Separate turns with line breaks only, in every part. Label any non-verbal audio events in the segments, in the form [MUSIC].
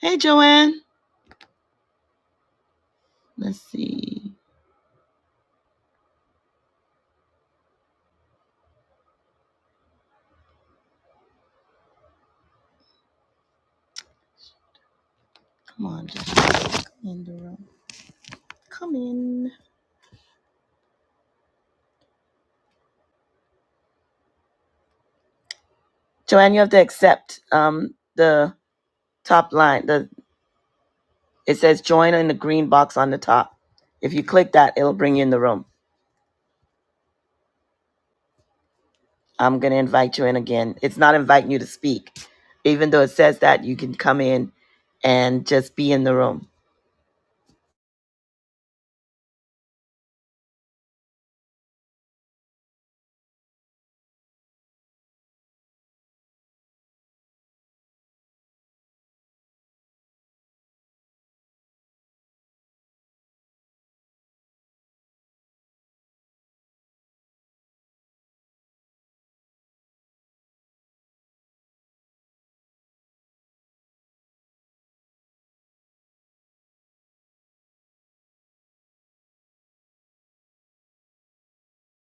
Hey, Joanne. Let's see. Come on, Joanne. In the room. Come in. Joanne, you have to accept um, the top line. The It says join in the green box on the top. If you click that, it'll bring you in the room. I'm going to invite you in again. It's not inviting you to speak. Even though it says that, you can come in and just be in the room.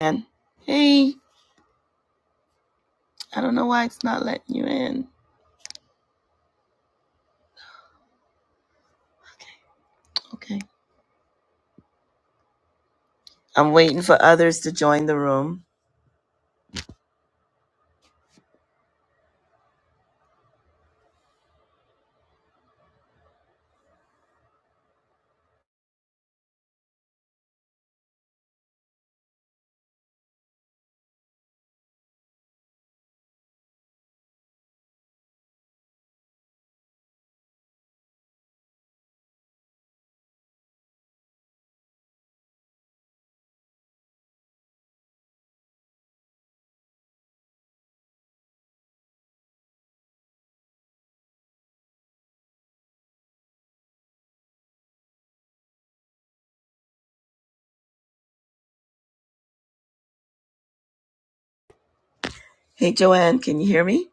And hey, I don't know why it's not letting you in. Okay. Okay. I'm waiting for others to join the room. Hey, Joanne, can you hear me?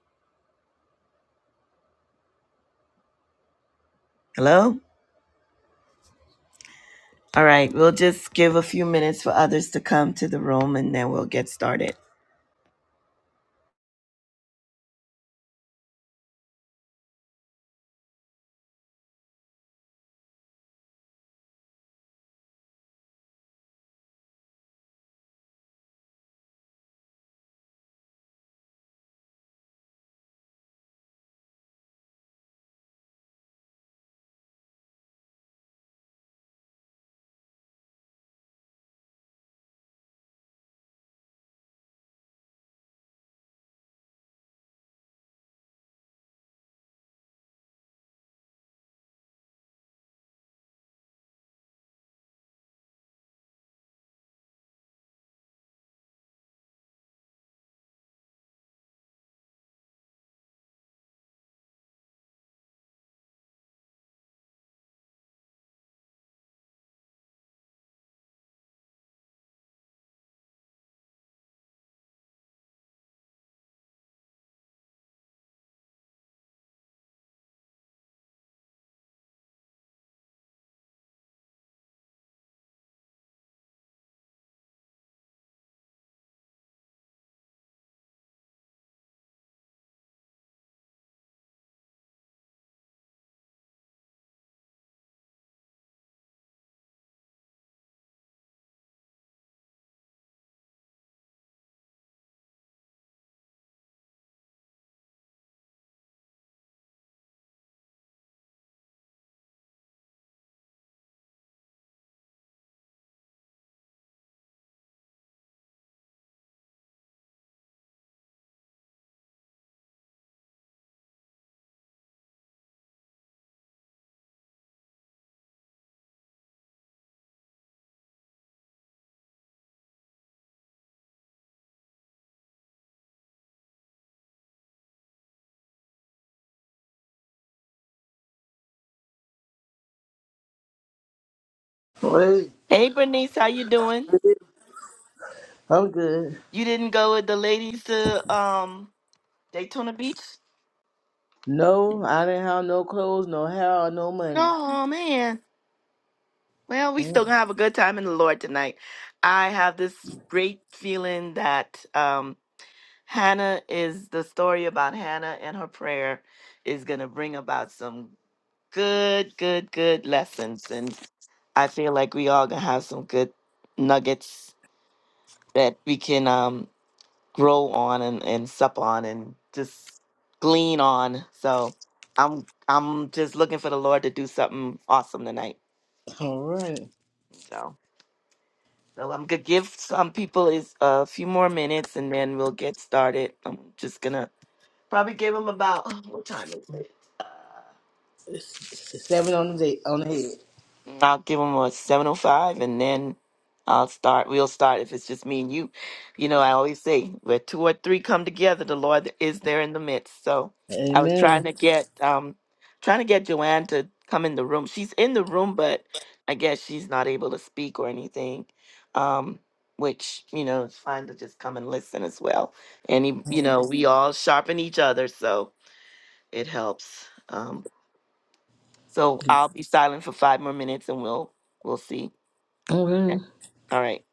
Hello? All right, we'll just give a few minutes for others to come to the room and then we'll get started.
Wait,
Hey Bernice, how you doing?
I'm good.
You didn't go with the ladies to um Daytona Beach?
No, I didn't have no clothes, no hair, or no money.
Oh man. Well, we still
Mm,
gonna have a good time in the Lord tonight. I have this great feeling that um Hannah is the story about Hannah and her prayer is going to bring about some good, good, good lessons. And I feel like we all going to have some good nuggets that we can um, grow on and, and sup on and just glean on. So I'm I'm just looking for the Lord to do something awesome tonight.
All right,
So, so I'm going to give some people is a few more minutes and then we'll get started. I'm just going to Probably give him about what time is it?
S- s- seven on the day, on the head.
I'll give him a seven oh five, and then I'll start. We'll start if it's just me and you. You know, I always say where two or three come together, the Lord is there in the midst. So I was trying
Amen.
to get um trying to get Joanne to come in the room. She's in the room, but I guess she's not able to speak or anything. Um, which you know, it's fine to just come and listen as well. And he- you know,
Okay.
we all sharpen each other, so it helps. Um, So I'll be silent for five more minutes and we'll we'll see. Okay. All right.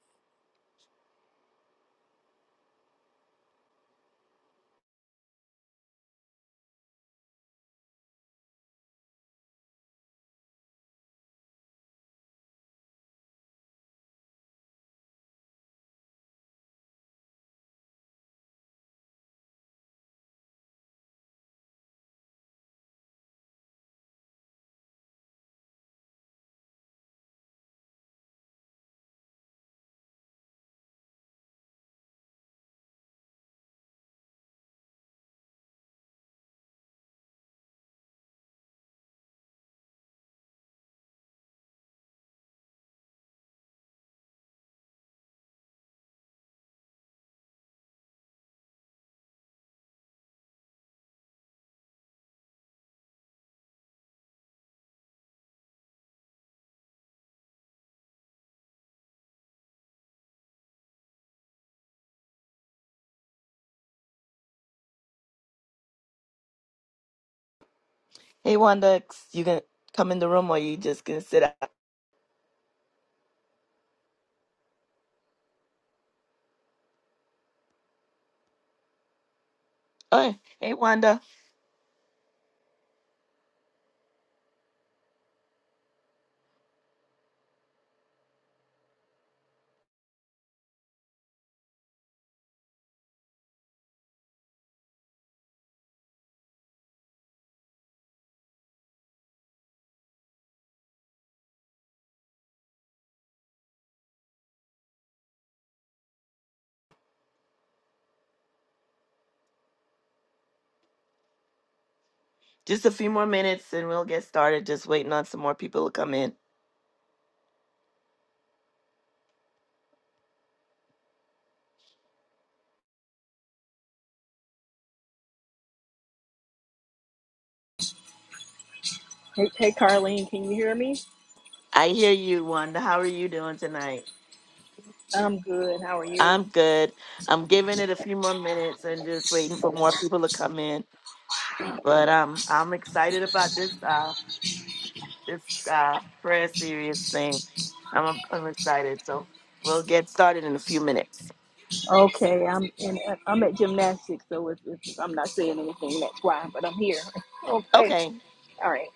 Hey Wanda, you can come in the room or you just gonna sit out. Oh, hey Wanda, just a few more minutes and we'll get started. Just waiting on some more people to come in.
Hey, hey, Carlene, can you hear me?
I hear you, Wanda. How are you doing tonight?
I'm good. How are
I'm
you?
good. I'm giving it a few more minutes and just waiting for more people to come in. But um, I'm excited about this uh this uh prayer series thing. I'm I'm excited. So we'll get started in a few minutes.
Okay, I'm in. I'm at gymnastics, so it's, it's, I'm not saying anything. That's why, but I'm here. [LAUGHS] Okay,
Okay.
all right.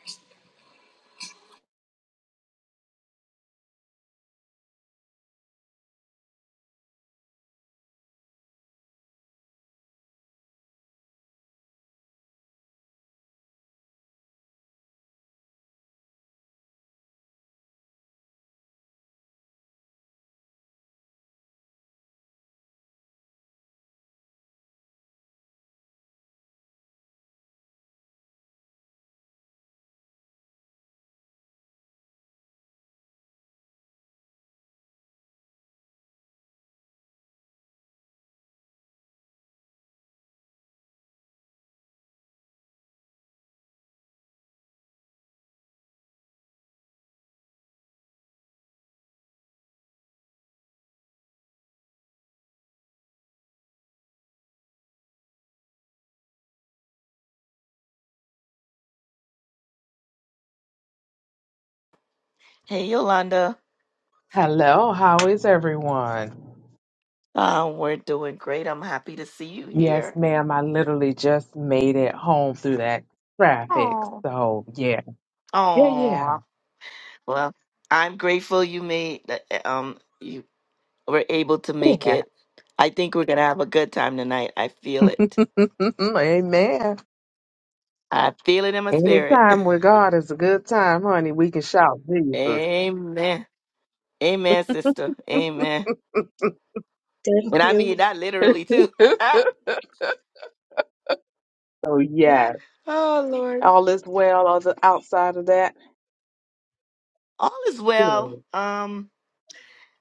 Hey, Yolanda.
Hello, how is everyone?
Uh, we're doing great. I'm happy to see you
Yes,
here.
ma'am. I literally just made it home through that traffic.
Oh.
So, yeah. Yeah, yeah.
Oh. Well, I'm grateful you made that, um you were able to make
Yeah.
it. I think we're gonna have a good time tonight. I feel
[LAUGHS]
it.
Amen.
I feel it in my spirit.
Anytime with God is a good time, honey. We can shout
[LAUGHS]
Jesus.
Amen. Amen, sister.
[LAUGHS]
Amen. And I
You.
mean that literally too.
so, yeah.
[LAUGHS] oh Lord.
All is well on the outside of that.
All is well.
Good.
Um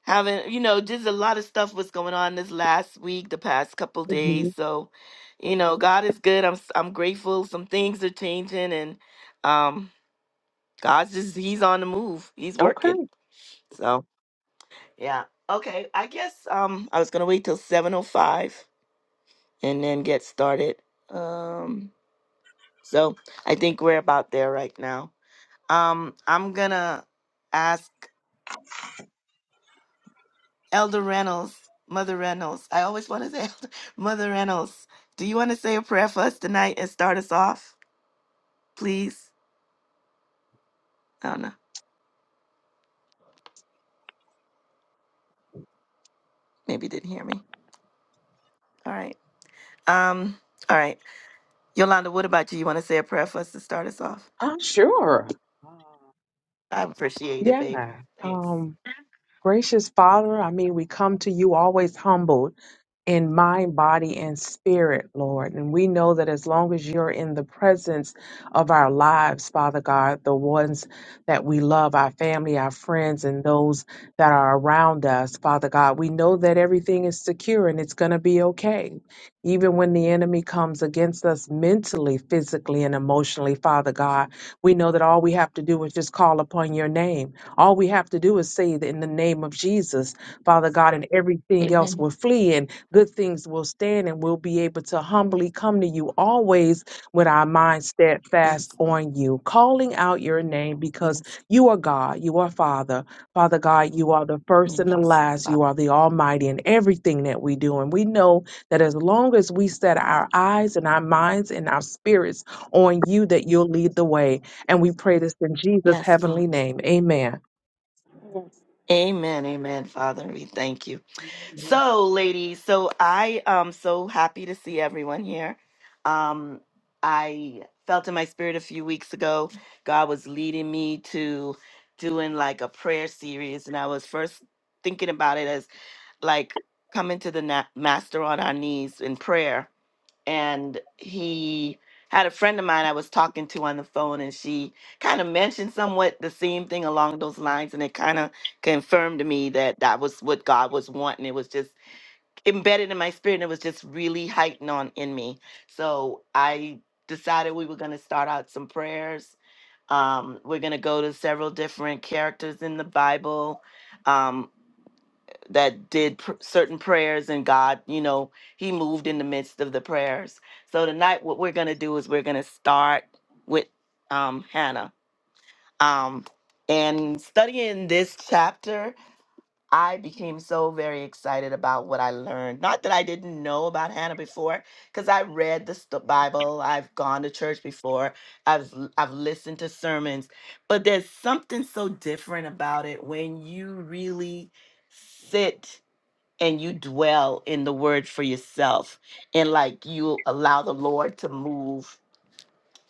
having you know just a lot of stuff was going on this last week the past couple
hmm
days so you know god is good i'm s- i'm grateful some things are changing and um god's just he's on the move he's
Okay.
working so yeah okay i guess um i was gonna wait till 705 and then get started um so i think we're about there right now um i'm gonna ask Elder Reynolds, Mother Reynolds. I always want to say [LAUGHS] Elder, Mother Reynolds. Do you want to say a prayer for us tonight and start us off, please? I don't know. Maybe you didn't hear me. All right. Um. All right. Yolanda, what about you? You want to say a prayer for us to start us off?
I'm sure. Uh,
I appreciate it,
Yeah.
babe. Thanks.
Um, gracious Father, I mean, we come to you always humbled. in mind, body, and spirit, Lord. And we know that as long as you're in the presence of our lives, Father God, the ones that we love, our family, our friends, and those that are around us, Father God, we know that everything is secure and it's going to be okay. Even when the enemy comes against us mentally, physically, and emotionally, Father God, we know that all we have to do is just call upon your name. All we have to do is say that in the name of Jesus, Father God, and everything else
Amen.
will flee. And good things will stand and we'll be able to humbly come to you always with our mind steadfast
Yes. Lord.
on you, calling out your name because
Yes.
you are God, you are Father. Father God, you are the first and the
Yes.
last,
Father.
you are the Almighty in everything that we do. And we know that as long as we set our eyes and our minds and our spirits on you, that you'll lead the way. And we pray this in Jesus'
Yes,
heavenly
Lord.
name. Amen.
Amen. Amen. Father, we thank you. So, ladies, so I am so happy to see everyone here. Um, I felt in my spirit a few weeks ago, God was leading me to doing like a prayer series, and I was first thinking about it as like coming to the na- master on our knees in prayer. And he had a friend of mine I was talking to on the phone, and she kind of mentioned somewhat the same thing along those lines, and it kind of confirmed to me that that was what God was wanting. It was just embedded in my spirit and it was just really heightened on in me. So I decided we were going to start out some prayers. Um, we're going to go to several different characters in the Bible um, that did pr- certain prayers, and God, you know, He moved in the midst of the prayers. So tonight, what we're going to do is we're going to start with um, Hannah um, and studying this chapter. I became so very excited about what I learned. Not that I didn't know about Hannah before, because I read the st- Bible, I've gone to church before, I've l- I've listened to sermons, but there's something so different about it when you really sit and you dwell in the Word for yourself, and like you allow the Lord to move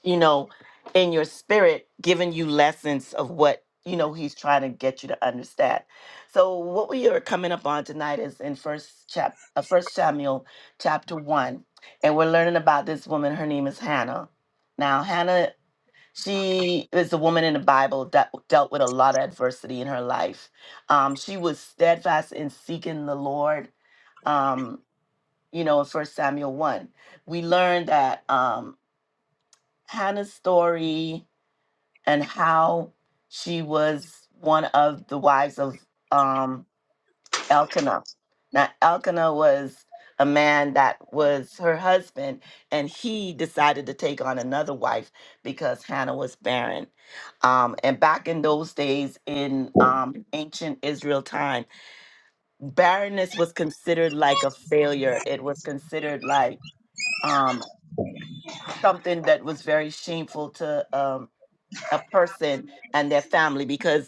you know, in your spirit, giving you lessons of what, you know, he's trying to get you to understand. So what we are coming up on tonight is in first chap uh, first Samuel chapter one. And we're learning about this woman. Her name is Hannah. Now Hannah, she is a woman in the Bible that dealt with a lot of adversity in her life. Um, she was steadfast in seeking the Lord um, you know, in First Samuel one, we learned that um, Hannah's story and how she was one of the wives of um, Elkanah. Now, Elkanah was a man that was her husband, and he decided to take on another wife because Hannah was barren. Um, and back in those days, in um, ancient Israel time, barrenness was considered like a failure. It was considered like um, something that was very shameful to um, a person and their family because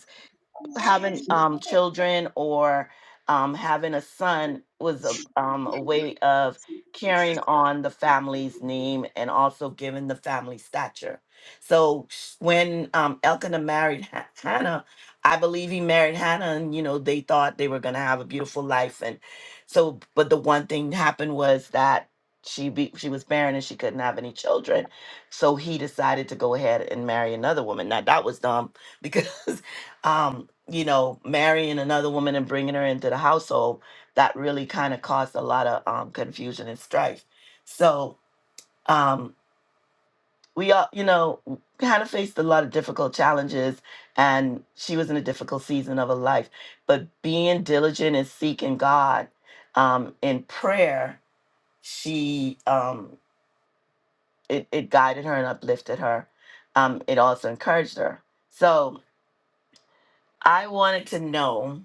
having um children or um having a son was a um a way of carrying on the family's name and also giving the family stature. So sh- when um Elkanah married Ha- Hannah, I believe he married Hannah and you know they thought they were going to have a beautiful life and so but the one thing happened was that she be, she was barren and she couldn't have any children. So he decided to go ahead and marry another woman. Now that was dumb because [LAUGHS] um, you know, marrying another woman and bringing her into the household, that really kind of caused a lot of um, confusion and strife. So um, we all, you know, kind of faced a lot of difficult challenges, and she was in a difficult season of her life. But being diligent and seeking God um, in prayer, she um, it, it guided her and uplifted her. Um, it also encouraged her. So I wanted to know.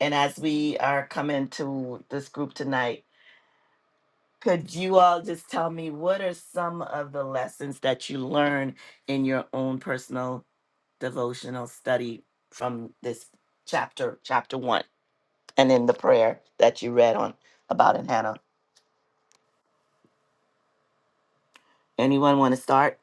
And as we are coming to this group tonight, could you all just tell me what are some of the lessons that you learned in your own personal devotional study from this chapter, chapter one, and in the prayer that you read on about in Hannah? Anyone want to start?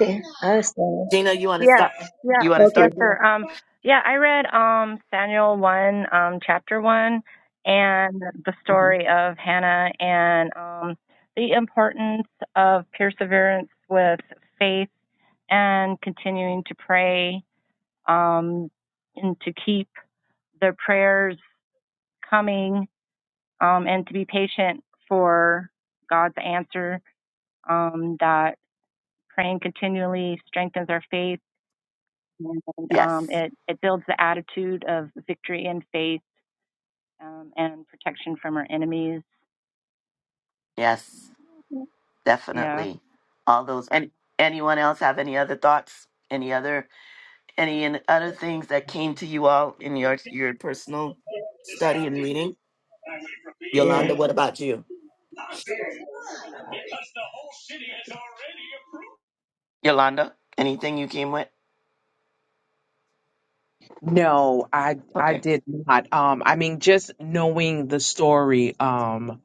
Okay, I'll start.
Gina, you want to
Yeah,
start?
yeah,
You want to
yes,
start,
Okay.
Gina?
sir. Um, yeah, I read um Samuel one, um, chapter one, and the
hmm
story of Hannah and um the importance of perseverance with faith and continuing to pray, um, and to keep the prayers coming, um, and to be patient for God's answer. Um, that praying continually strengthens our faith and um,
Yes,
it it builds the attitude of victory and faith um, and protection from our enemies.
yes,
Yeah.
definitely. All those. And anyone else have any other thoughts? Any other? Any and other things that came to you all in your your personal study and reading? Yolanda, what about you? Yolanda, anything you came with?
No, I I
Okay.
did not. Um, I mean, just knowing the story um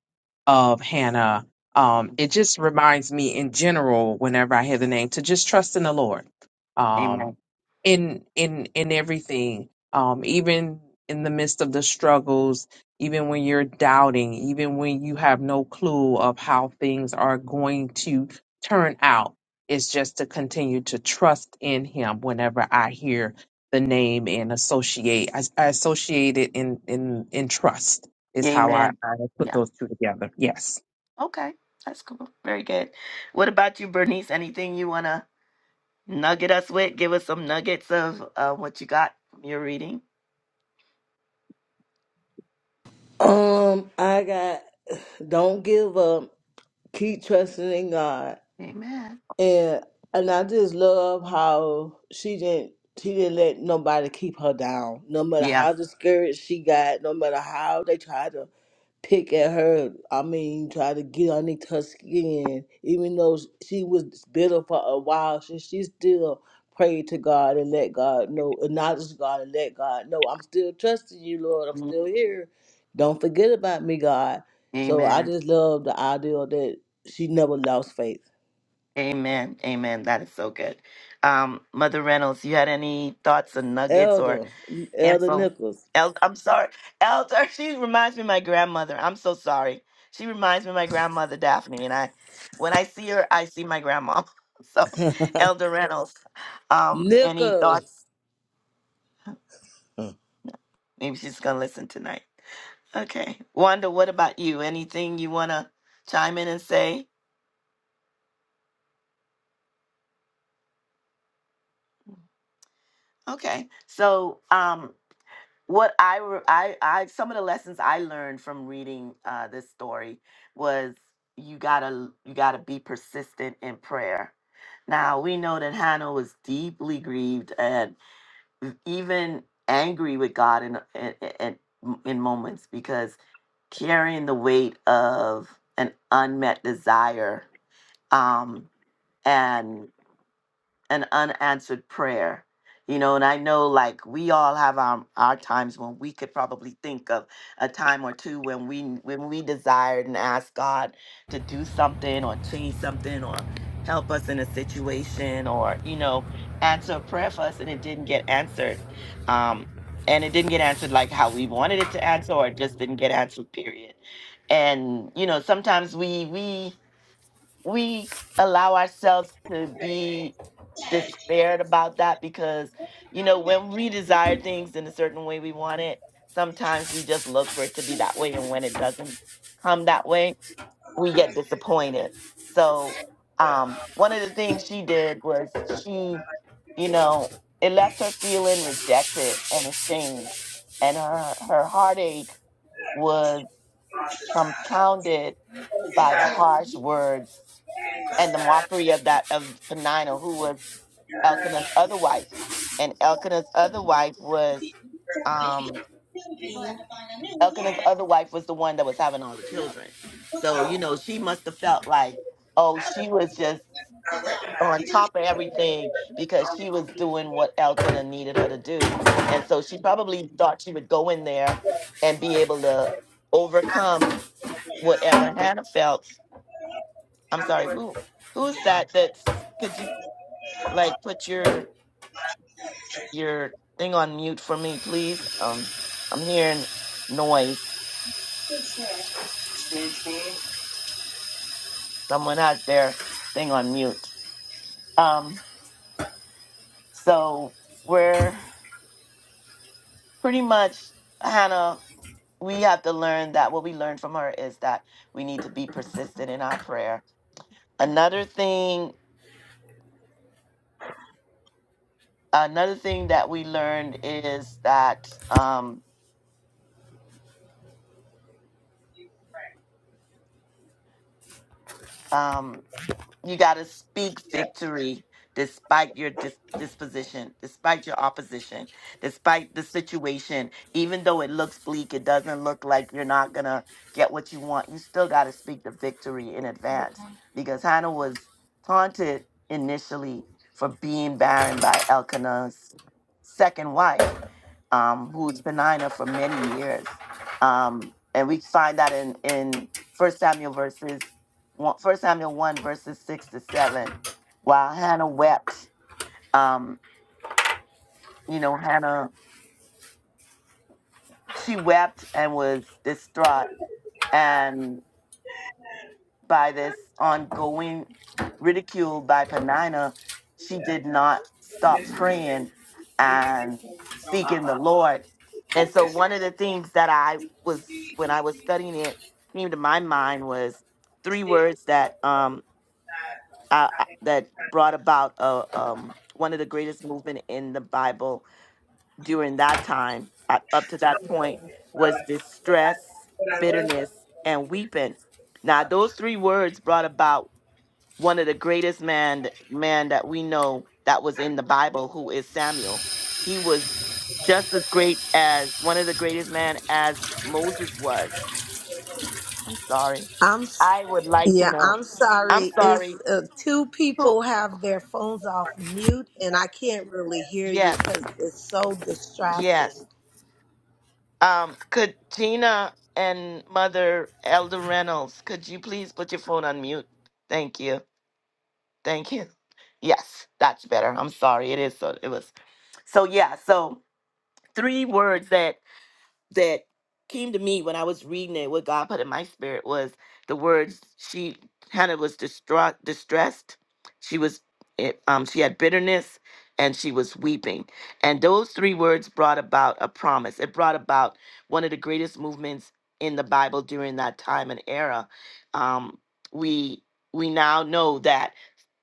of Hannah, um, it just reminds me in general, whenever I hear the name, to just trust in the Lord, um,
Amen.
in in in everything, um, even in the midst of the struggles, even when you're doubting, even when you have no clue of how things are going to turn out, it's just to continue to trust in Him. Whenever I hear the name and associate. I, I associate it in in in trust is how I,
Amen.
I put
Yeah.
those two together. Yes.
Okay. That's cool. Very good. What about you, Bernice? Anything you want to nugget us with? Give us some nuggets of uh, what you got from your reading.
Um, I got don't give up. Keep trusting in God,
Amen.
and and I just love how she didn't she didn't let nobody keep her down. No matter
Yeah.
how discouraged she got, no matter how they tried to pick at her. I mean, try to get underneath her skin. Even though she was bitter for a while, she, she still prayed to God and let God know, acknowledge God and let God know, I'm still trusting you, Lord. I'm still
Mhm.
here. Don't forget about me, God. So I
Amen.
just love the idea that she never lost faith.
Amen. Amen. That is so good. Um, Mother Reynolds, you had any thoughts or nuggets or
Elder, Elder
info.
Nichols.
El- I'm sorry, Elder. [LAUGHS] She reminds me of my grandmother. I'm so sorry. She reminds me of my grandmother, Daphne, and I. When I see her, I see my grandma. [LAUGHS] So, Elder Reynolds. Um, any
Nichols.
thoughts? Maybe she's gonna listen tonight. Okay, Wanda. What about you? Anything you wanna chime in and say? Okay, so um, what I, re- I I some of the lessons I learned from reading uh, this story was you gotta you gotta be persistent in prayer. Now we know that Hannah was deeply grieved and e, even angry with God in in, in in moments because carrying the weight of an unmet desire um, and an unanswered prayer you know and i know like we all have our our times when we could probably think of a time or two when we when we desired and asked god to do something or change something or help us in a situation or you know answer a prayer for us and it didn't get answered um and it didn't get answered like how we wanted it to answer or it just didn't get answered period and you know sometimes we we we allow ourselves to be despaired about that because you know when we desire things in a certain way we want it sometimes we just look for it to be that way and when it doesn't come that way we get disappointed so um one of the things she did was she you know it left her feeling rejected and ashamed and her her heartache was compounded by the harsh words and the mockery of that of Penina, who was Elkanah's other wife. And Elkanah's other wife was um Elkanah's other wife was the one that was having all the children. So, you know, she must have felt like, oh, she was just on top of everything because she was doing what Elkanah needed her to do. And so she probably thought she would go in there and be able to overcome whatever Hannah felt. I'm sorry, who who's that that's could you like put your your thing on mute for me, please? Um, I'm hearing noise. Someone has their thing on mute. Um, so we're pretty much Hannah. We have to learn that what we learned from her is that we need to be persistent in our prayer. Another thing, another thing that we learned is that um, um, You got to speak
Yeah.
victory despite your dis- disposition, despite your opposition, despite the situation. Even though it looks bleak, it doesn't look like you're not going to get what you want. You still got to speak the victory in advance because Hannah was taunted initially for being barren by Elkanah's second wife um, who's Penina for many years. Um, and we find that in, in First Samuel verses one, First Samuel 1 verses 6 to 7. While Hannah wept, um, you know, Hannah, she wept and was distraught.
Yeah.
and. by this ongoing ridicule by Penina, she did not stop
This is
praying
really it
and
came from my
seeking the
mom.
Lord. And so
[LAUGHS]
one of the things that I was
She,
when I was
she,
studying it came to my mind was three
she, it was
words that um
not um,
I,
I
I-
think it
that
kind of
brought about uh, um one of the greatest movement in the Bible during that time uh, up to
I
that
don't know what
point
it is, but I
was
like it. But I
distress,
but I was a
bitterness, and
senior
weeping. Now
class.
those three words brought about one of the greatest man man that we know that was
I
in the
can think
Bible,
of
who is Samuel. He was just as great as one of the greatest man as Moses was. I'm sorry.
I'm s-
I would like to
yeah,
know.
I'm
I'm
like
sorry.
kind
sorry.
It's uh, two
Who?
people
of
have their
the
phones off
part
mute, and I can't really hear you
Yes,
because it's so
yes.
distracting.
Um, could Tina and Mother Elder Reynolds, could you please put your phone on mute? Thank you. Thank you. Yes, that's better. I'm sorry. It is so. It was so. Yeah. So three words that that came to me when I was reading it, what God put in my spirit was the words she Hannah was distraught, distressed. She was, it, um, she had bitterness, and she was weeping. And those three words brought about a promise. It brought about one of the greatest movements in the Bible during that time and era. Um, we we now know that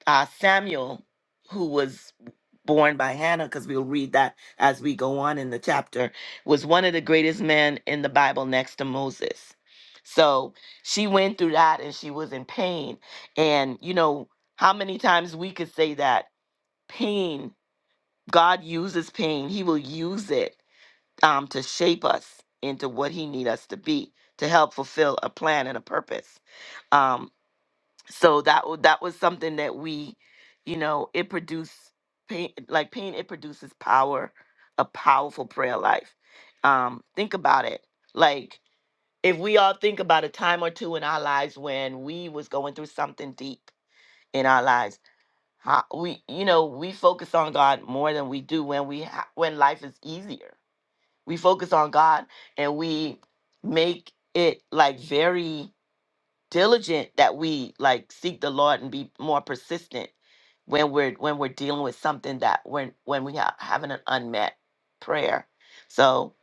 uh, Samuel, who was born by Hannah, because we'll read that as we go on in the chapter, was one of the greatest men in the Bible next to Moses. So she went through that and she was in pain. And, you know, how many times we could say that pain, God uses pain, He will use it um, to shape us into what He need us to be, to help fulfill a plan and a purpose. Um, so that wa- that was something that we you know it produced pain like pain it produces power a powerful prayer life um think about it like if we all think about a time or two in our lives when we was going through something deep in our lives how, we you know we focus on god more than we do when we ha- when life is easier we focus on god and we make it like very diligent that we like seek the Lord and be more persistent when we're when we're dealing with something that when when we have having an unmet prayer. So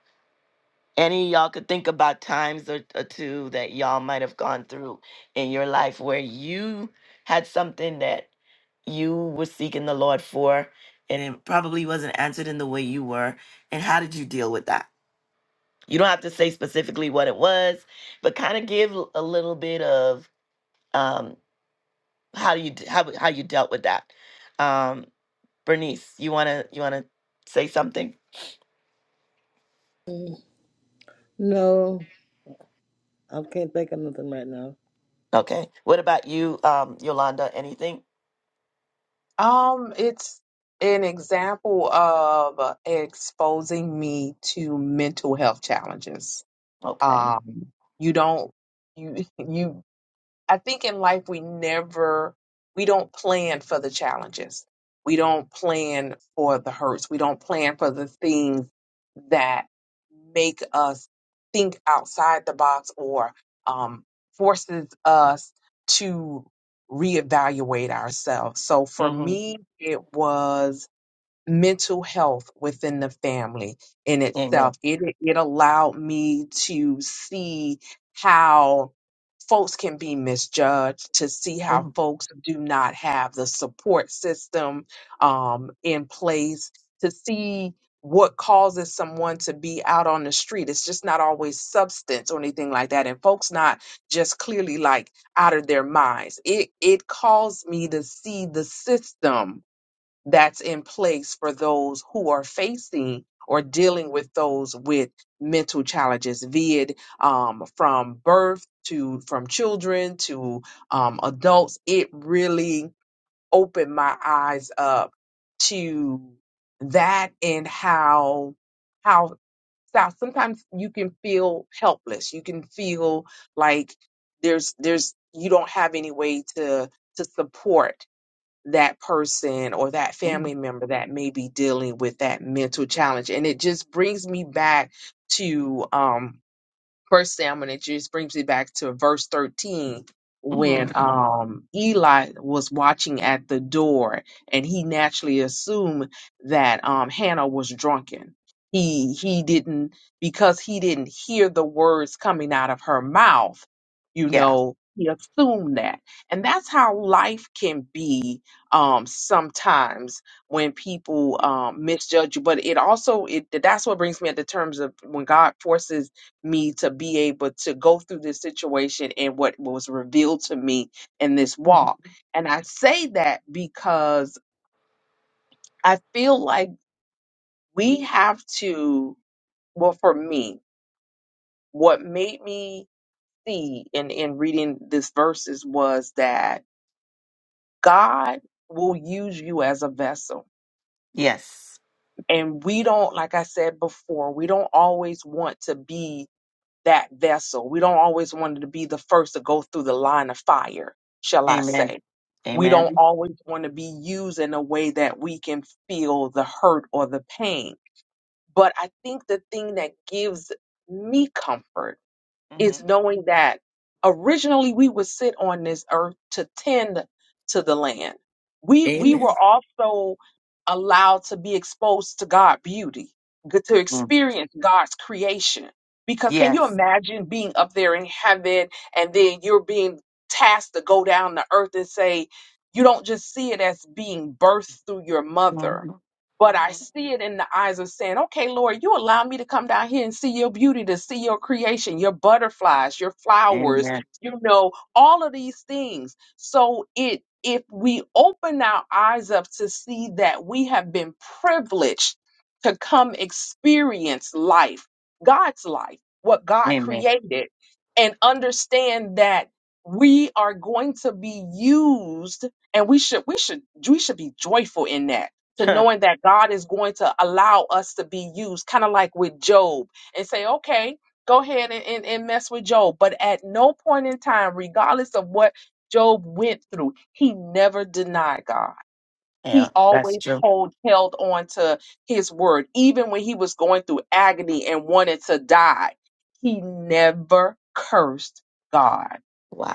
any of y'all could think about times or, or two that y'all might have gone through in your life where you had something that you were seeking the Lord for and it probably wasn't answered in the way you were. And how did you deal with that? You don't have to say specifically what it was, but kind of give l- a little bit of um, how do you d- how how you dealt with that. Um, Bernice, you wanna you wanna say something?
No, I can't think of nothing right now.
Okay. What about you, um, Yolanda? Anything?
Um, it's an example of exposing me to mental health challenges.
Okay.
Um, you don't you [LAUGHS] you I think in life we never we don't plan for the challenges. We don't plan for the hurts. We don't plan for the things that make us think outside the box or um, forces us to reevaluate ourselves. So for
hmm
me, it was mental health within the family in
Amen.
itself. It it allowed me to see how folks can be misjudged, to see
hmm
how folks do not have the support system um, in place, to see what causes someone to be out on the street. It's just not always substance or anything like that. And folks not just clearly like out of their minds. It it caused me to see the system that's in place for those who are facing or dealing with those with mental challenges, be it um, from birth to from children to um, adults. It really opened my eyes up to that and how how how sometimes you can feel helpless. You can feel like there's there's you don't have any way to to support that person or that
hmm
family member that may be dealing with that mental challenge. And it just brings me back to, um, First thing I'm going to introduce brings me back to verse 13
hmm
when um, Eli was watching at the door and he naturally assumed that um, Hannah was drunken. He he didn't because he didn't hear the words coming out of her mouth. You
Yeah.
know, he assumed that, and that's how life can be um, sometimes when people um, misjudge you. But it also it that's what brings me at the terms of when God forces me to be able to go through this situation and what was revealed to me in this
Mhm.
walk. And I say that because I feel like we have to, well, for me, what made me see in, in reading this verses was that God will use you as a vessel.
Yes.
And we don't, like I said before, we don't always want to be that vessel. We don't always want to be the first to go through the line of fire, shall I
Amen.
say. We don't
Amen.
always want to be used in a way that we can feel the hurt or the pain. But I think the thing that gives me comfort
Mm-hmm.
is knowing that originally we would sit on this earth to tend to the land. We we
Amen.
were also allowed to be exposed to God's beauty, good to
Mm.
experience God's creation. Because can you
Yes.
imagine being up there in heaven and then you're being tasked to go down to earth and say, you don't just see it as being birthed through your mother
hmm
but I
hmm
see it in the eyes of saying, okay, Lord, you allow me to come down here and see your beauty, to see your creation, your butterflies, your flowers,
Amen.
you know, all of these things. So it, if we open our eyes up to see that we have been privileged to come experience life, God's life, what God
Amen.
created, and understand that we are going to be used and we should we should we should be joyful in that to
[LAUGHS]
knowing that God is going to allow us to be used, kind of like with Job, and say, okay, go ahead and, and, and mess with Job. But at no point in time, regardless of what Job went through, he never denied God. He
yeah, that's
always
true.
hold held on to his word, even when he was going through agony and wanted to die. He never cursed God.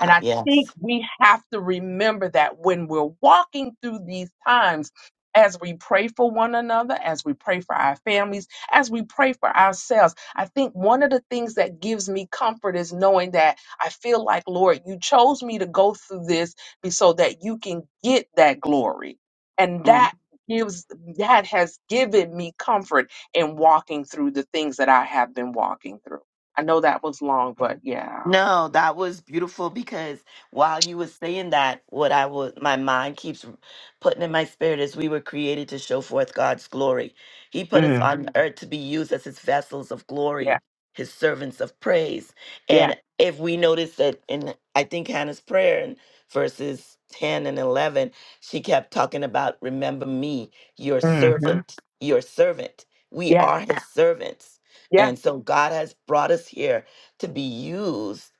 And I think
Yes.
we have to remember that when we're walking through these times, as we pray for one another, as we pray for our families, as we pray for ourselves, I think one of the things that gives me comfort is knowing that I feel like, Lord, you chose me to go through this be- so that you can get that glory. And that gives, that has given me comfort in walking through the things that I have been walking through. I know that was long, but yeah.
No, that was beautiful because while you were saying that, what I was, my mind keeps putting in my spirit is we were created to show forth God's glory. He put us
Mhm.
on Mm. earth to be used as his vessels of
Yeah.
glory, his servants of praise.
Yeah.
And if we notice that in, I think Hannah's prayer in verses 10 and 11, she kept talking about, remember me, your
hmm
servant, your servant. We
Yeah,
are his Yeah. servants.
yeah,
And so God has brought us here to be used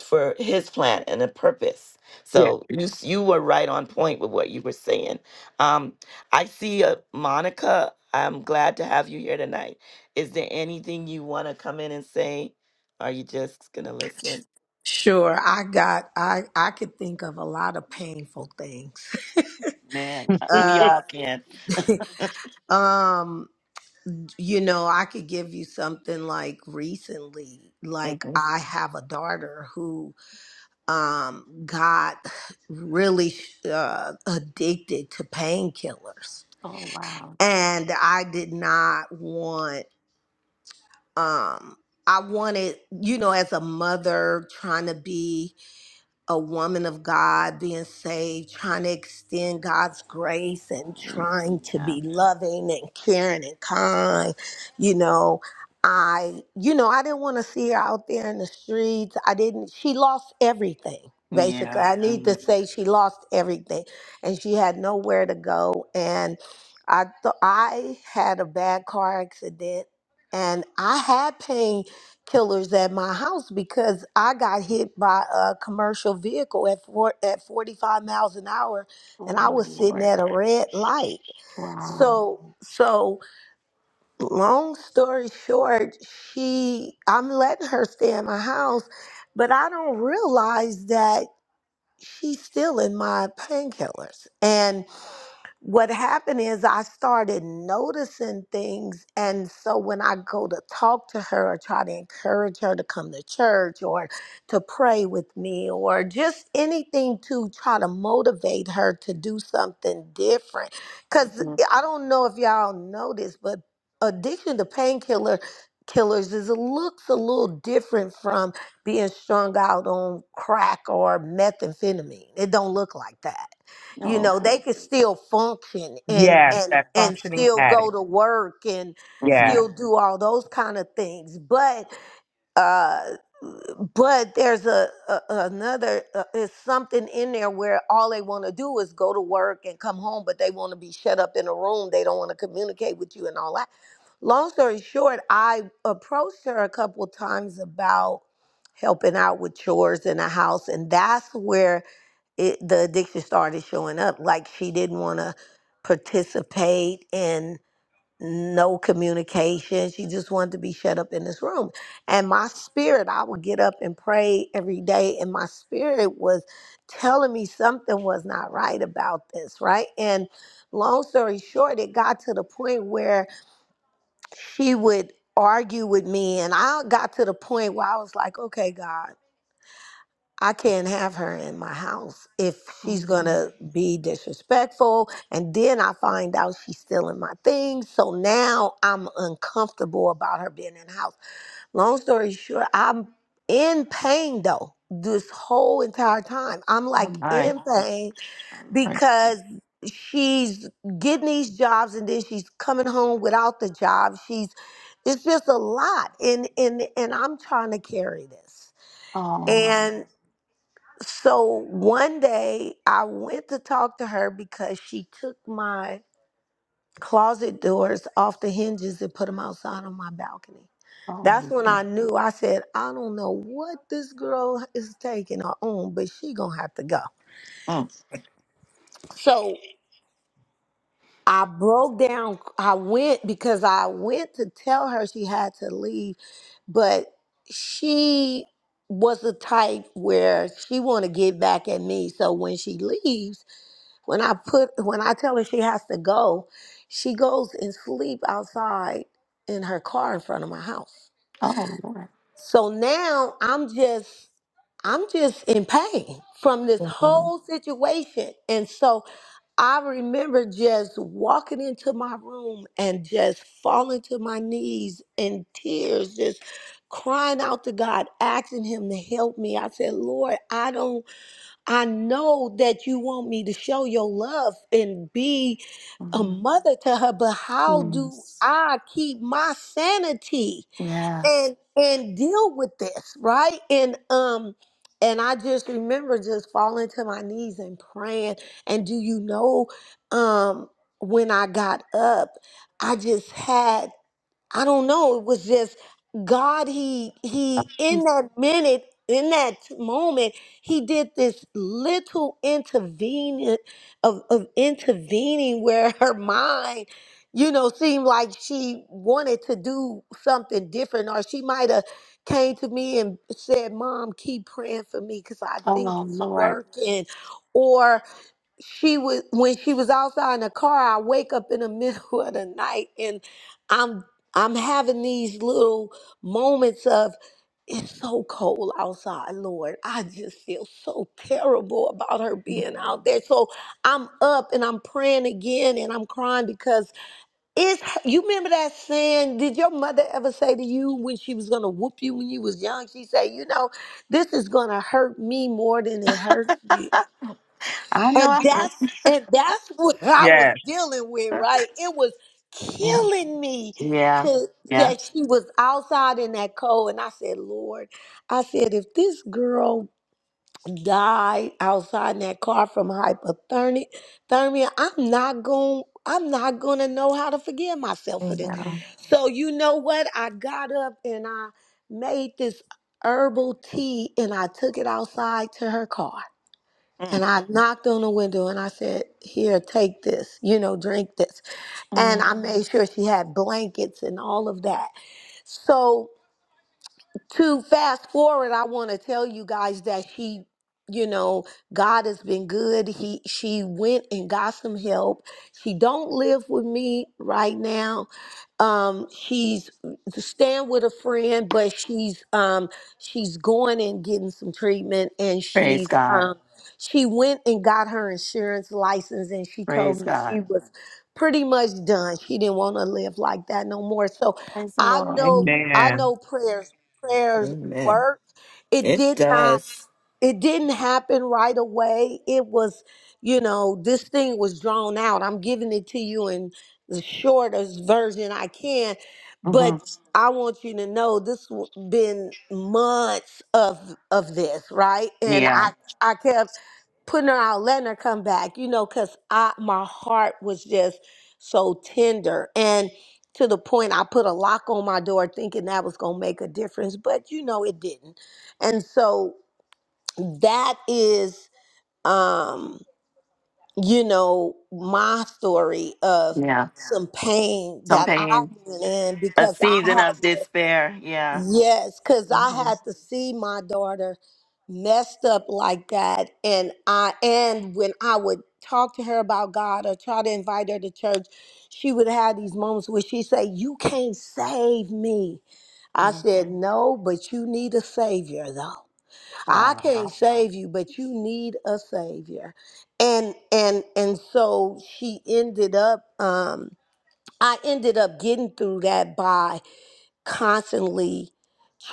for his plan and a purpose.
yeah.
So you s- you were right on point with what you were saying. Um, I see a Monica. I'm glad to have you here tonight. Is there anything you want to come in and say? Are you just gonna listen?
Sure, I got I I could think of a lot of painful things.
Man, uh, we
Uh,
[LAUGHS]
all can.
[LAUGHS] um, you know, I could give you something like recently, like
hmm
I have a daughter who um got really uh, addicted to painkillers
Oh wow!
and I did not want um I wanted, you know, as a mother trying to be a woman of God being saved, trying to extend God's grace and trying to
Yeah,
be loving and caring and kind. You know, I, you know, I didn't want to see her out there in the streets. I didn't, she lost everything. Basically,
yeah.
I need
Mhm.
to say she lost everything and she had nowhere to go. And I thought I had a bad car accident and I had pain killers at my house because I got hit by a commercial vehicle at four, at 45 miles an hour and
Oh
I
my
was sitting
lord!
at a red light.
Wow.
So so long story short, she I'm letting her stay in my house, but I don't realize that she's still in my painkillers. And what happened is I started noticing things. And so when I go to talk to her or try to encourage her to come to church or to pray with me or just anything to try to motivate her to do something different. Because
Mhm.
I don't know if y'all know this, but addiction to painkiller killers is it looks a little different from being strung out on crack or methamphetamine. It don't look like that you
No.
know
Okay.
they can still function and
yes,
and Yeah.
that
and
functioning
still go
addict.
to work and
Mm-hmm.
Yes,
still Yeah. do all those kind of things but uh but there's a, a another uh, is something in there where all they want to do is go to work and come home but they want to be shut up in a room they don't want to communicate with you and all that long story short i approached her a couple times about helping out with chores in the house and that's where it the addiction started showing up like she didn't want to participate in no communication she just wanted to be shut up in this room and my spirit i would get up and pray every day and my spirit was telling me something was not right about this right and long story short it got to the point where she would argue with me and i got to the point where i was like okay god I can't have her in my house if she's gonna be disrespectful. And then I find out she's stealing my things. So now I'm uncomfortable about her being in the house. Long story short, I'm in pain though, this whole entire time. I'm
Oh
like
my
in pain
lord!
because she's getting these jobs and then she's coming home without the job. She's it's just a lot. And and and I'm trying to carry this.
Oh my.
So one day I went to talk to her because she took my closet doors off the hinges and put them outside on my balcony.
Oh,
That's when
mm,
I knew. I said, I don't know what this girl is taking her on, but she gonna have to go.
mm.
So I broke down. I went because I went to tell her she had to leave, but she was the type where she want to get back at me. So when she leaves, When I put when I tell her she has to go, she goes and sleep outside in her car in front of my house.
oh Lord.
So now I'm just I'm just in pain from this
Wow.
whole situation. And so I remember just walking into my room and just falling to my knees in tears, just crying out to God, asking Him to help me. I said, Lord, I don't. I know that you want me to show your love and be a
Mhm.
mother to her, but how do
Yes.
I keep my sanity
Yes.
and and deal with this, right? And um and I just remember just falling to my knees and praying. And do you know um when I got up, I just had I don't know. It was just God. He he in
She's-
that minute, in that moment, he did this little intervening of, of intervening where her mind, you know, seemed like she wanted to do something different, or she might have came to me and said, "Mom, keep praying for me because I think
Oh,
it's
Lord.
working," or she was when she was outside in the car i wake up in the middle [LAUGHS] of the night and i'm i'm having these little moments of it's so cold outside lord i just feel so terrible about her being out
Mm.
there so i'm up and i'm praying again and i'm crying because it's you remember that saying did your mother ever say to you when she was gonna whoop you when you was young she said you know this is gonna hurt me more than it hurt you
I know
and
I heard
that's and that's what [LAUGHS] I was
yes.
dealing with,
her.
right? It was
Mm.
killing me
Yeah.
to that
Yes.
she was outside in that cold. And I said, Lord, I said, if this girl died outside in that car from hypothermia, thermia, I'm not going I'm not gonna know how to forgive myself
Yeah.
for this. So you know what? I got up and I made this herbal tea and I took it outside to her car and
Mm.
I knocked on the window and I said, Here, take this, you know, drink this. And I
Mm.
made sure she had blankets and all of that. So to fast forward, I want to tell you guys that she, you know, God has been good. He she went and got some help. She don't live with me right now. Um, she's staying with a friend, but she's um she's going and getting some treatment and
Praise
she's
God.
um she went and got her insurance license and she told
Praise
me she
God.
was pretty much done. She didn't want to live like that no more. So
Praise the
I
Lord.
know I
Amen.
know prayer prayers
Amen.
work. It
It
did not
does.
it didn't happen right away. It was, you know, this thing was drawn out. I'm giving it to you in the shortest version I can,
hmm
but I want you to know this w- been months of of this, right? And
Yeah.
I I kept putting her out, letting her come back, you know, because I my heart was just so tender. And to the point I put a lock on my door thinking that was gonna make a difference, but you know it didn't. And so that is um, you know, my story of
Yeah.
some pain
Some
that I
pain,
went in
a
because I
season
had
of despair. Yeah.
Yes, because I
hmm
had to see my daughter messed up like that. And I and when I would talk to her about God or try to invite her to church, she would have these moments where she'd say, You can't save me. I said, No, but you need a savior though. I can't
Wow.
save you, but you need a savior. And and and so she ended up um I ended up getting through that by constantly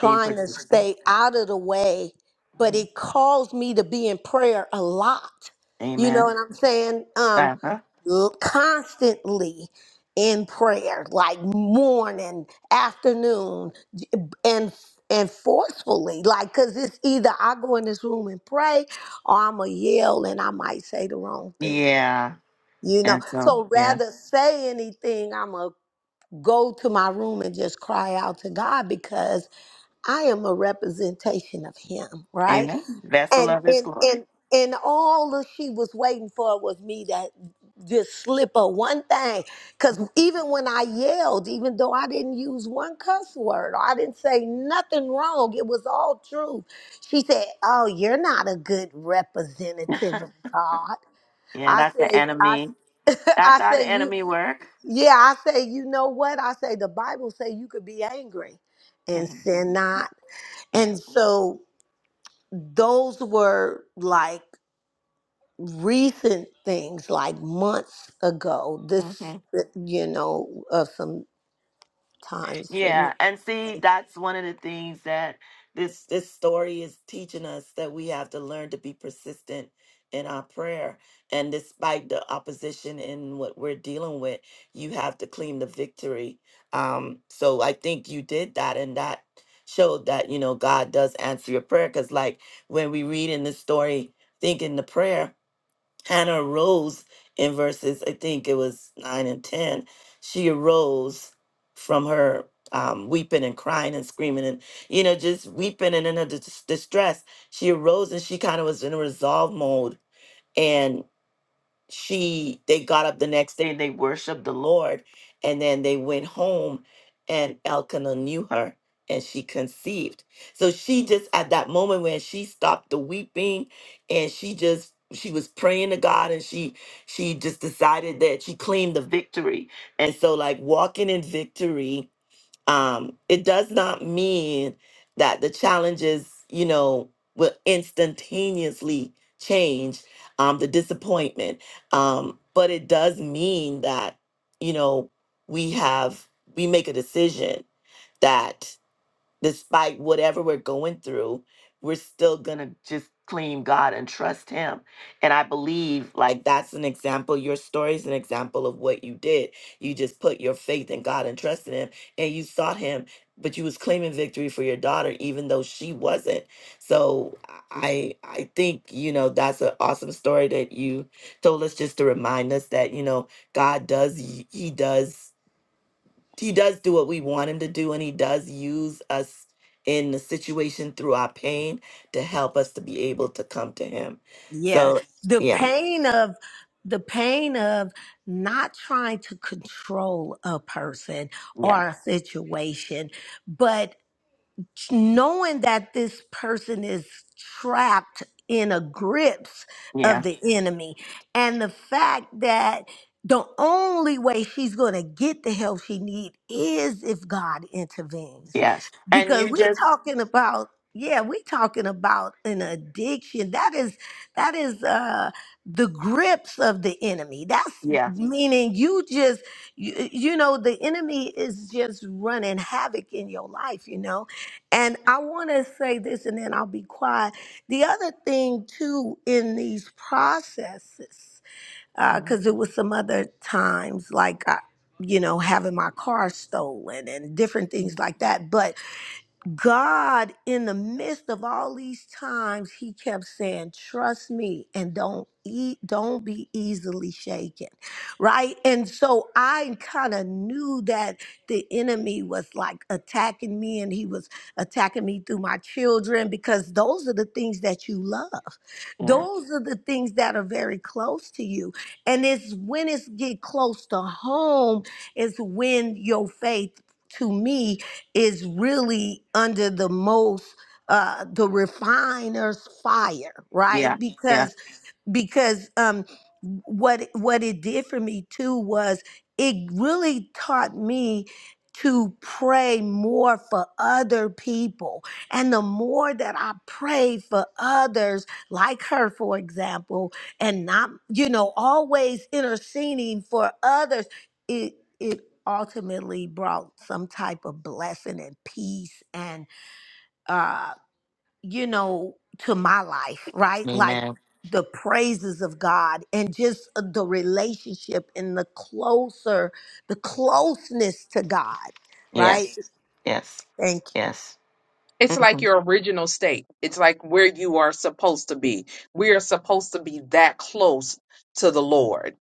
Being
to
persistent.
stay out of the way, but
Mhm.
it caused me to be in prayer a lot. You know
Amen.
what I'm saying? Um,
Uh-huh.
l- constantly in prayer, like morning, afternoon, and and forcefully, like, cause it's either I go in this room and pray, or I'ma yell and I might say the wrong thing.
Yeah.
You know,
And so,
so
yeah.
rather say anything, I'ma go to my room and just cry out to God because I am a representation of him, right?
Amen. Vessel
And
of his
and
glory.
and and all that she was waiting for was me to just slip her one thing. Cause
Mhm.
even when I yelled, even though I didn't use one cuss word, or I didn't say nothing wrong, it was all true. She said, Oh, you're not a good representative of God.
Yeah,
I
that's the
said, I
enemy.
[LAUGHS]
That's
I
how the
say you
enemy work.
yeah, I say, you know what? I say the Bible say you could be angry and
hmm
sin not.
Yeah.
And so those were like recent things, like months ago.
mm-hmm.
This, you know, uh, some times for
Yeah,
me.
and see, that's one of the things that this this story is teaching us that we have to learn to be persistent in our prayer. And despite the opposition in what we're dealing with, you have to claim the victory. Um, so I think you did that, and that showed that you know God does answer your prayer. Because like when we read in this story, thinking the prayer. Hannah arose in verses, I think it was nine and 10. She arose from her um, weeping and crying and screaming and, you know, just weeping and in her dis- distress. She arose and she kind of was in a resolve mode she they got up the next day and they worshiped the Lord and then they went home and Elkanah knew her and she conceived. So she just at that moment when she stopped the weeping and she just she was praying to God and she she just decided that she claimed the victory. And so like walking in victory um, it does not mean that the challenges, you know, will instantaneously change um, the disappointment. Um, but it does mean that, you know, we have, we make a decision that despite whatever we're going through, we're still gonna just claim God and trust Him. And I believe, like, that's an example. Your story is an example of what you did. You just put your faith in God and trusted Him, and you sought Him, but you was claiming victory for your daughter, even though she wasn't. So I, I think you know that's an awesome story that you told us, just to remind us that you know God does, He does he does do what we want him to do and he does use us in the situation through our pain to help us to be able to come to him
Yeah,
so
the
yeah
pain of the pain of not trying to control a person
yeah
or a situation, but knowing that this person is trapped in a grips of
yeah
the enemy and the fact that the only way she's going to get the help she need is if God intervenes
yes and
because
you
we
just
talking about yeah we talking about an addiction that is that is uh the grips of the enemy that's
yeah
meaning you just you, you know the enemy is just running havoc in your life you know and I want to say this and then I'll be quiet. The other thing, too, in these processes,
mhm,
because it was some other times, like, I, you know, having my car stolen and different things like that. But God, in the midst of all these times, he kept saying, Trust me and don't eat, don't be easily shaken. Right. And so I kind of knew that the enemy was like attacking me and he was attacking me through my children because those are the things that you love.
yeah
Those are the things that are very close to you. And it's when it's get close to home, is when your faith to me is really under the most uh the refiner's fire right
yeah yeah
because because um what what it did for me too was it really taught me to pray more for other people and the more that i prayed for others like her for example and not you know always interceding for others it it ultimately brought some type of blessing and peace and uh, you know, to my life, right? Like
amen
the praises of God and just uh, the relationship and the closer, the closeness to God, right?
yes yes
Thank
yes
It's like
hmm
your original state. It's like where you are supposed to be. We are supposed to be that close to the Lord.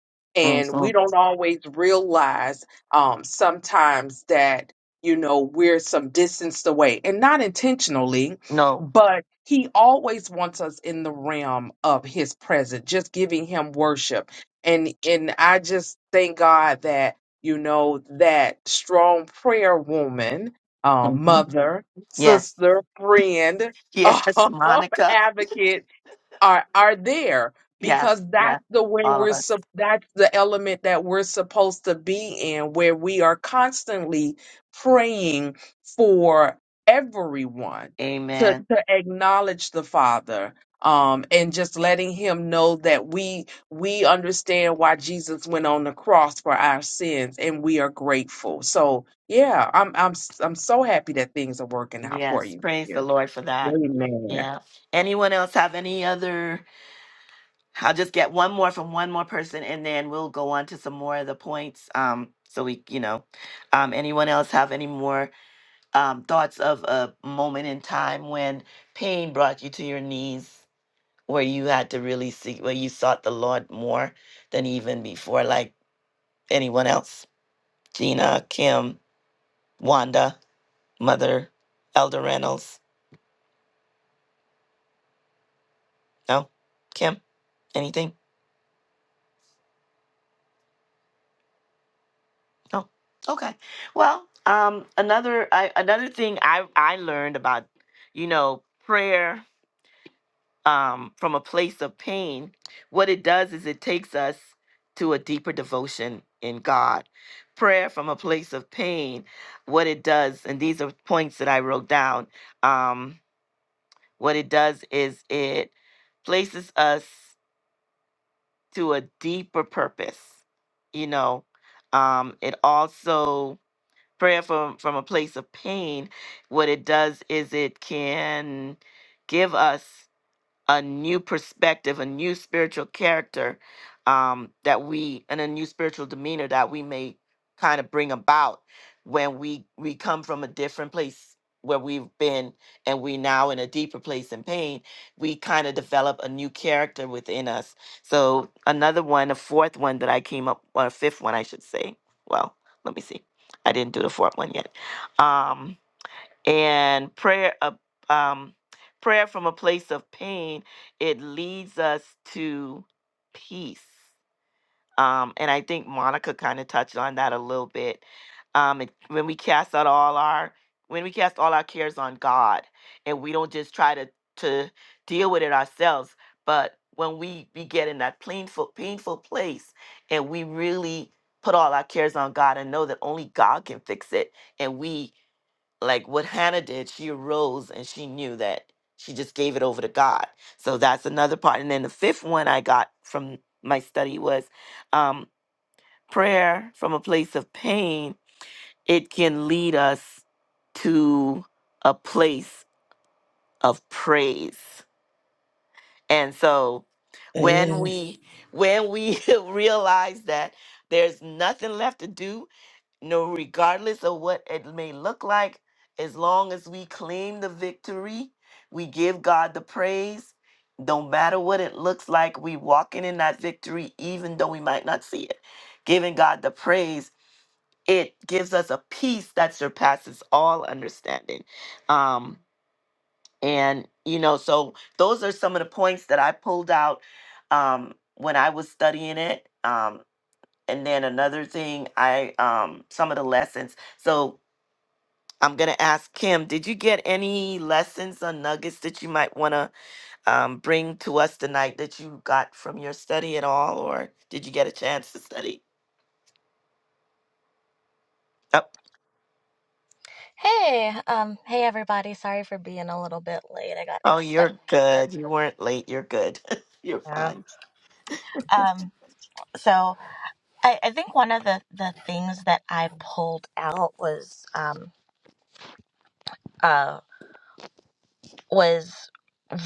hmm
And we don't always realize um, sometimes that, you know, we're some distance away and not intentionally,
no
but He always wants us in the realm of His presence, just giving Him worship. And, and I just thank God that, you know, that strong prayer woman, um,
hmm
mother,
yes
sister, friend,
yes [LAUGHS]
[LAUGHS]
monica
advocate, are are there
yes
because
yeah
that's the way
all of
we're
us
sup- that's the element that we're supposed to be in where we are constantly praying for everyone to
amen
to acknowledge the father um and just letting him know that we we understand why Jesus went on the cross for our sins and we are grateful so yeah i'm i'm s- i'm so happy that things are working out for
Yes,
you
praise the
here
Lord for that.
amen
Yeah. Anyone else have any other? I'll just get one more from one more person and then we'll go on to some more of the points. Um, so we, you know, um, anyone else have any more um, thoughts of a moment in time when pain brought you to your knees, where you had to really seek, where you sought the Lord more than even before, like anyone else? Gina, Kim, Wanda, Mother, Elder Reynolds. No? Kim, anything? Oh, okay. Well, um, another I, another thing I I learned about, you know, prayer um, from a place of pain. What it does is it takes us to a deeper devotion in God. Prayer from a place of pain. What it does, and these are points that I wrote down. Um, what it does is it places us to a deeper purpose. You know, um, it also prayer from from a place of pain what it does is it can give us a new perspective, a new spiritual character um, that we, and a new spiritual demeanor that we may kind of bring about when we we come from a different place where we've been and we now in a deeper place in pain we kind of develop a new character within us so another one a fourth one that i came up or a fifth one i should say well let me see i didn't do the fourth one yet um and prayer of um, prayer from a place of pain it leads us to peace um, and i think monica kind of touched on that a little bit um, it, when we cast out all our when we cast all our cares on god and we don't just try to to deal with it ourselves but when we we get in that painful painful place and we really put all our cares on god and know that only god can fix it and we like what Hannah did, she arose and she knew that she just gave it over to God. So that's another part. And then the fifth one I got from my study was um, prayer from a place of pain. It can lead us to a place of praise. And so when
Amen.
we when we [LAUGHS] realize that there's nothing left to do No, regardless of what it may look like, as long as we claim the victory, we give God the praise. Don't matter what it looks like, we walking in that victory, even though we might not see it. Giving God the praise, it gives us a peace that surpasses all understanding. Um, and you know, so those are some of the points that I pulled out um, when I was studying it. Um, and then another thing, I um, some of the lessons. So I'm going to ask Kim, did you get any lessons or nuggets that you might want to um, bring to us tonight that you got from your study at all? Or did you get a chance to study? Oh,
Hey, um, hey everybody. Sorry for being a little bit late. I got
oh
stuck
you're
at work.
good. You weren't late. You're good. [LAUGHS] you're
Yeah.
fine.
Um, so I, I think one of the the things that I pulled out was um uh was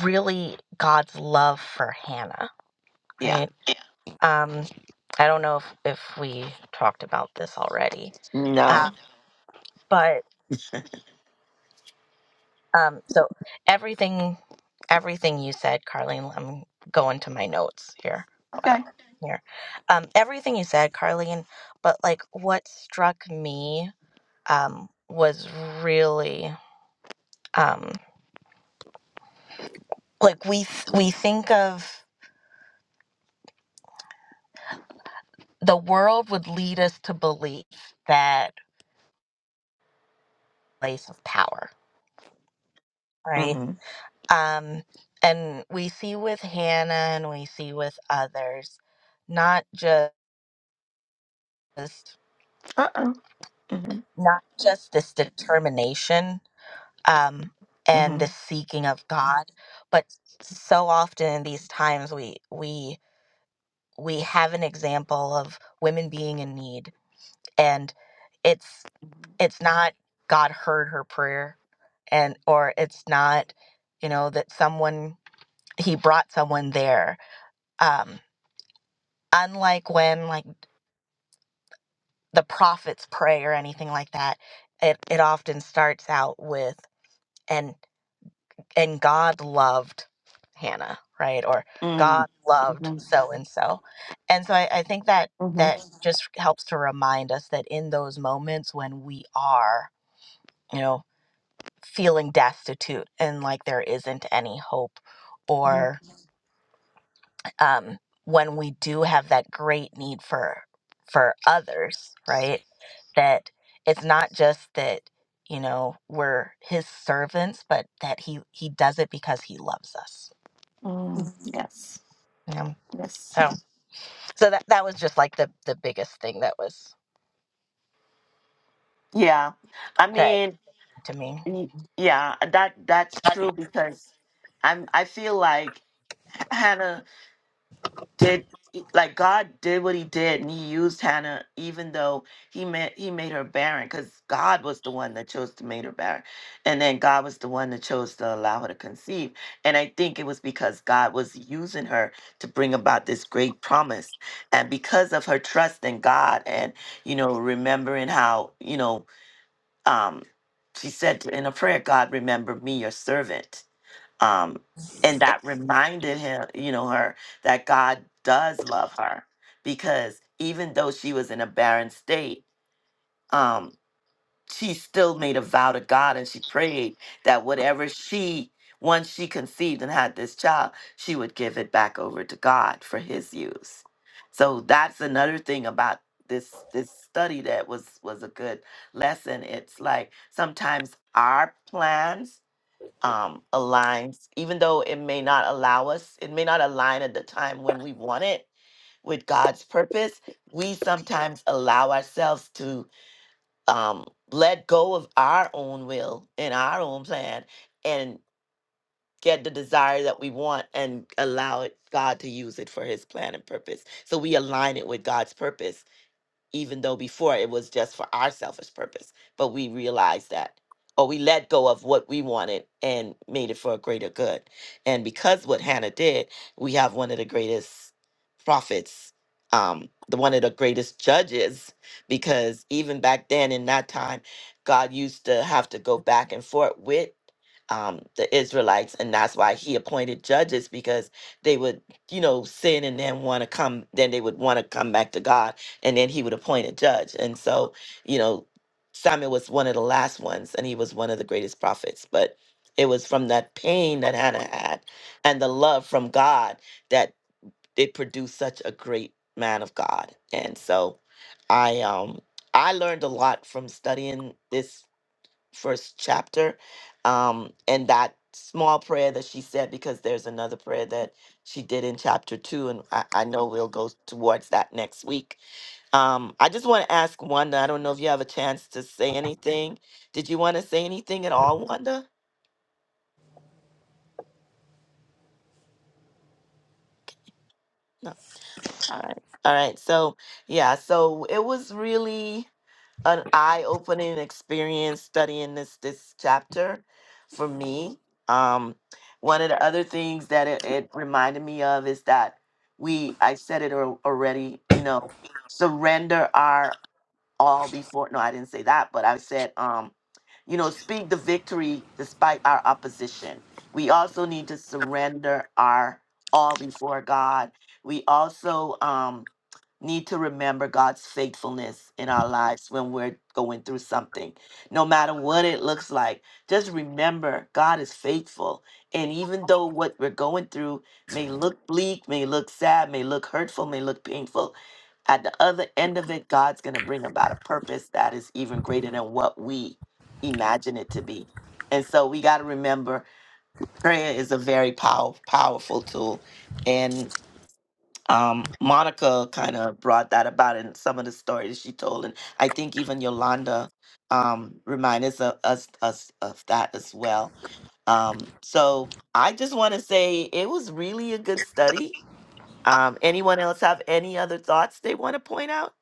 really God's love for Hannah,
Yeah.
right? Um, I don't know if if we talked about this already, uh,
No.
but Um, so everything, everything you said, Carlene, I'm going to my notes here. Wow,
Okay.
here, um, everything you said, Carlene. But like, what struck me um, was really um, like we th- we think of the world would lead us to believe that place of power, right?
Mm-hmm.
Um, and we see with Hannah, and we see with others, not just
Uh-oh. Mm-hmm.
not just this determination um, and
Mm-hmm.
the seeking of God, but so often in these times we we we have an example of women being in need, and it's it's not God heard her prayer, and or it's not you know that someone he brought someone there. Um, unlike when like the prophets pray or anything like that, it it often starts out with. and God loved Hannah, right? Or
Mm-hmm.
God loved
Mm-hmm.
so and so. And so I, I think that
Mm-hmm.
that just helps to remind us that in those moments when we are, you know, feeling destitute and like there isn't any hope, or um, when we do have that great need for for others, right? That it's not just that you know we're his servants, but that he he does it because he loves us.
mm Yes.
Yeah.
Yes.
So so that that was just like the the biggest thing that was
Yeah. I
that
mean,
to me.
y- yeah, that that's true because I'm I feel like Hannah did e, like God did what he did and he used Hannah even though he made he made her barren because God was the one that chose to make her barren. And then God was the one that chose to allow her to conceive. And I think it was because God was using her to bring about this great promise. And because of her trust in God and you know, remembering how, you know, um she said in a prayer, God remember me your servant um, and that reminded him, you know, her that God does love her because even though she was in a barren state, um, she still made a vow to God and she prayed that whatever she once she conceived and had this child, she would give it back over to God for His use. So that's another thing about this this study that was was a good lesson. It's like sometimes our plans um, aligns, even though it may not allow us, it may not align at the time when we want it with God's purpose. We sometimes allow ourselves to um, let go of our own will and our own plan and get the desire that we want and allow it God to use it for his plan and purpose. So we align it with God's purpose even though before it was just for our selfish purpose. But we realized that, or we let go of what we wanted and made it for a greater good. And because what Hannah did, we have one of the greatest prophets, um, the one of the greatest judges, because even back then in that time, God used to have to go back and forth with. Um, the Israelites, and that's why he appointed judges because they would, you know, sin and then want to come, then they would want to come back to God and then he would appoint a judge. And so, you know, Samuel was one of the last ones, and he was one of the greatest prophets. But it was from that pain that Hannah had and the love from God that it produced such a great man of God. And so, I um I learned a lot from studying this first chapter, um, and that small prayer that she said because there's another prayer that she did in chapter two, and I, I know we'll go towards that next week um, I just want to ask Wanda. I don't know if you have a chance to say anything. Did you want to say anything at all, Wanda? No. All right. All right. So, yeah, so it was really an eye-opening experience studying this this chapter for me. Um, one of the other things that it, it reminded me of is that we, I said it al- already, you know, surrender our all before no i didn't say that but i said um you know speak the victory despite our opposition we also need to surrender our all before god we also um need to remember god's faithfulness in our lives when we're going through something no matter what it looks like just remember god is faithful and even though what we're going through may look bleak may look sad may look hurtful may look painful at the other end of it, God's going to bring about a purpose that is even greater than what we imagine it to be. And so we got to remember prayer is a very pow- powerful tool. And um, Monica kind of brought that about in some of the stories she told. And I think even Yolanda um, reminded us of, us, us of that as well. Um, so I just want to say it was really a good study. Um, anyone else have any other thoughts they want to point out?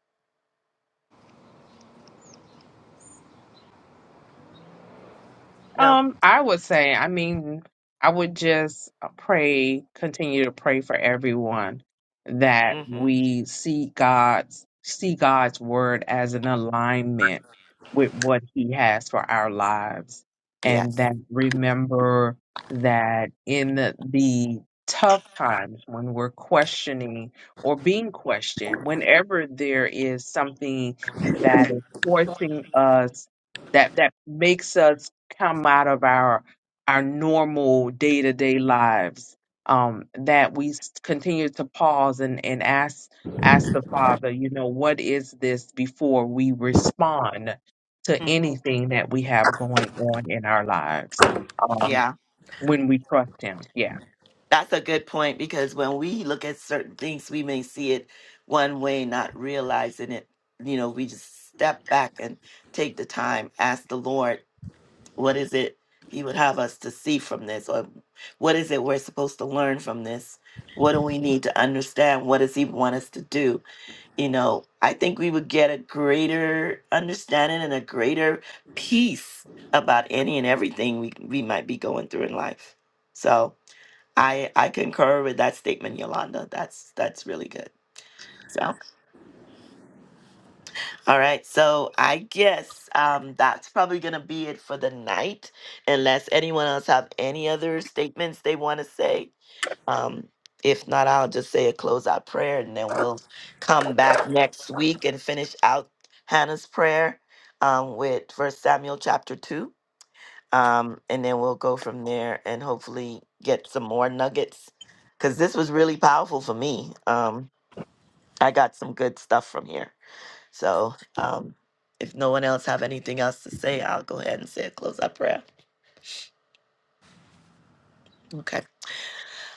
No.
Um, I would say, I mean, I would just uh, pray, continue to pray for everyone that
Mm-hmm.
we see God's see God's word as an alignment with what he has for our lives and
Yes.
that remember that in the, the tough times when we're questioning or being questioned, whenever there is something that is forcing us that that makes us come out of our our normal day to day lives. Um, that we s- continue to pause and and ask ask the Father, you know, what is this before we respond to
Mm-hmm.
anything that we have going on in our lives. Um,
Yeah,
when we trust Him, yeah.
that's a good point because when we look at certain things, we may see it one way, not realizing it. You know, we just step back and take the time, ask the Lord, what is it He would have us to see from this? Or what is it we're supposed to learn from this? What do we need to understand? What does He want us to do? you know, I think we would get a greater understanding and a greater peace about any and everything we, we might be going through in life. So I I concur with that statement, Yolanda. That's that's really good. So all right. So I guess um, that's probably gonna be it for the night, unless anyone else have any other statements they want to say Um, if not, I'll just say a closeout prayer and then we'll come back next week and finish out Hannah's prayer um, with First Samuel chapter 2. Um, and then we'll go from there and hopefully get some more nuggets because this was really powerful for me. Um, I got some good stuff from here. So um, if no one else have anything else to say, I'll go ahead and say a closeout prayer. Okay.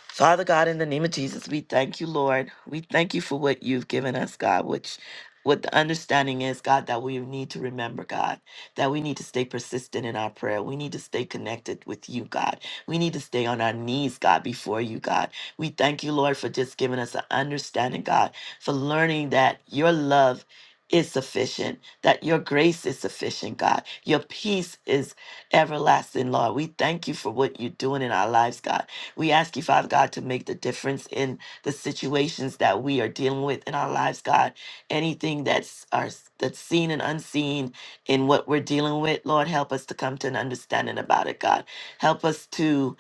Father God, in the name of Jesus, we thank you, Lord. We thank you for what you've given us, God, which what the understanding is, God, that we need to remember, God, that we need to stay persistent in our prayer. We need to stay connected with you, God. We need to stay on our knees, God, before you, God. We thank you, Lord, for just giving us an understanding, God, for learning that your love is sufficient, that your grace is sufficient, God. Your peace is everlasting, Lord. We thank you for what you're doing in our lives, God. We ask you, Father God, to make the difference in the situations that we are dealing with in our lives, God. Anything that's our, that's seen and unseen in what we're dealing with, Lord, help us to come to an understanding about it, God. Help us to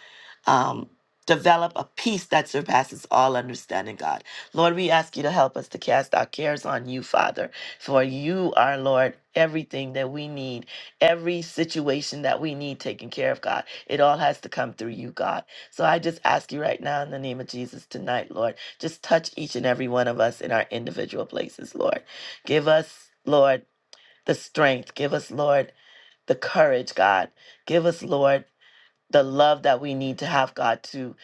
um, develop a peace that surpasses all understanding, God. Lord, we ask you to help us to cast our cares on you, Father, for you are, Lord, everything that we need, every situation that we need taken care of, God. It all has to come through you, God. So I just ask you right now in the name of Jesus tonight, Lord, just touch each and every one of us in our individual places, Lord. Give us, Lord, the strength. Give us, Lord, the courage, God. Give us, Lord the love that we need to have, God, to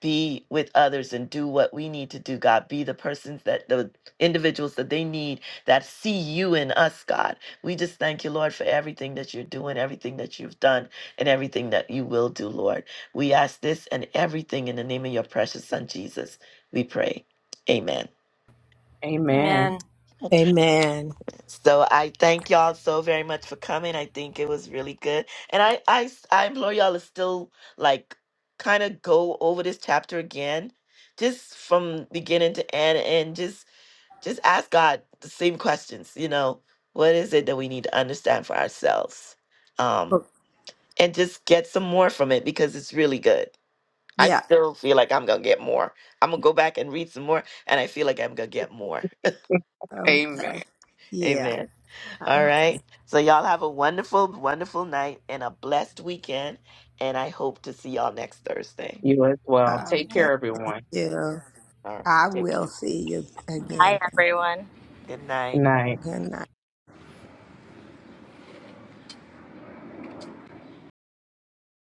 be with others and do what we need to do, God. Be the persons that the individuals that they need that see you in us, God. We just thank you, Lord, for everything that you're doing, everything that you've done, and everything that you will do, Lord. We ask this and everything in the name of your precious Son, Jesus. We pray. Amen.
Amen.
Amen.
Amen.
So I thank y'all so very much for coming. I think it was really good. And I I s- I implore y'all to still like kind of go over this chapter again just from beginning to end and just just ask God the same questions, you know, what is it that we need to understand for ourselves? Um
you.
and just get some more from it because it's really good. I
Yeah.
still feel like I'm going to get more. I'm going to go back and read some more and I feel like I'm going to get more.
Amen.
Okay.
[LAUGHS]
Yeah.
Amen. All right. So y'all have a wonderful, wonderful night and a blessed weekend. And I hope to see y'all next Thursday.
You as well.
uh,
Take
Okay.
care, everyone.
Yeah.
All right.
I
Take
will
care.
see you
Hi,
again.
everyone.
Good night.
Night.
Good night.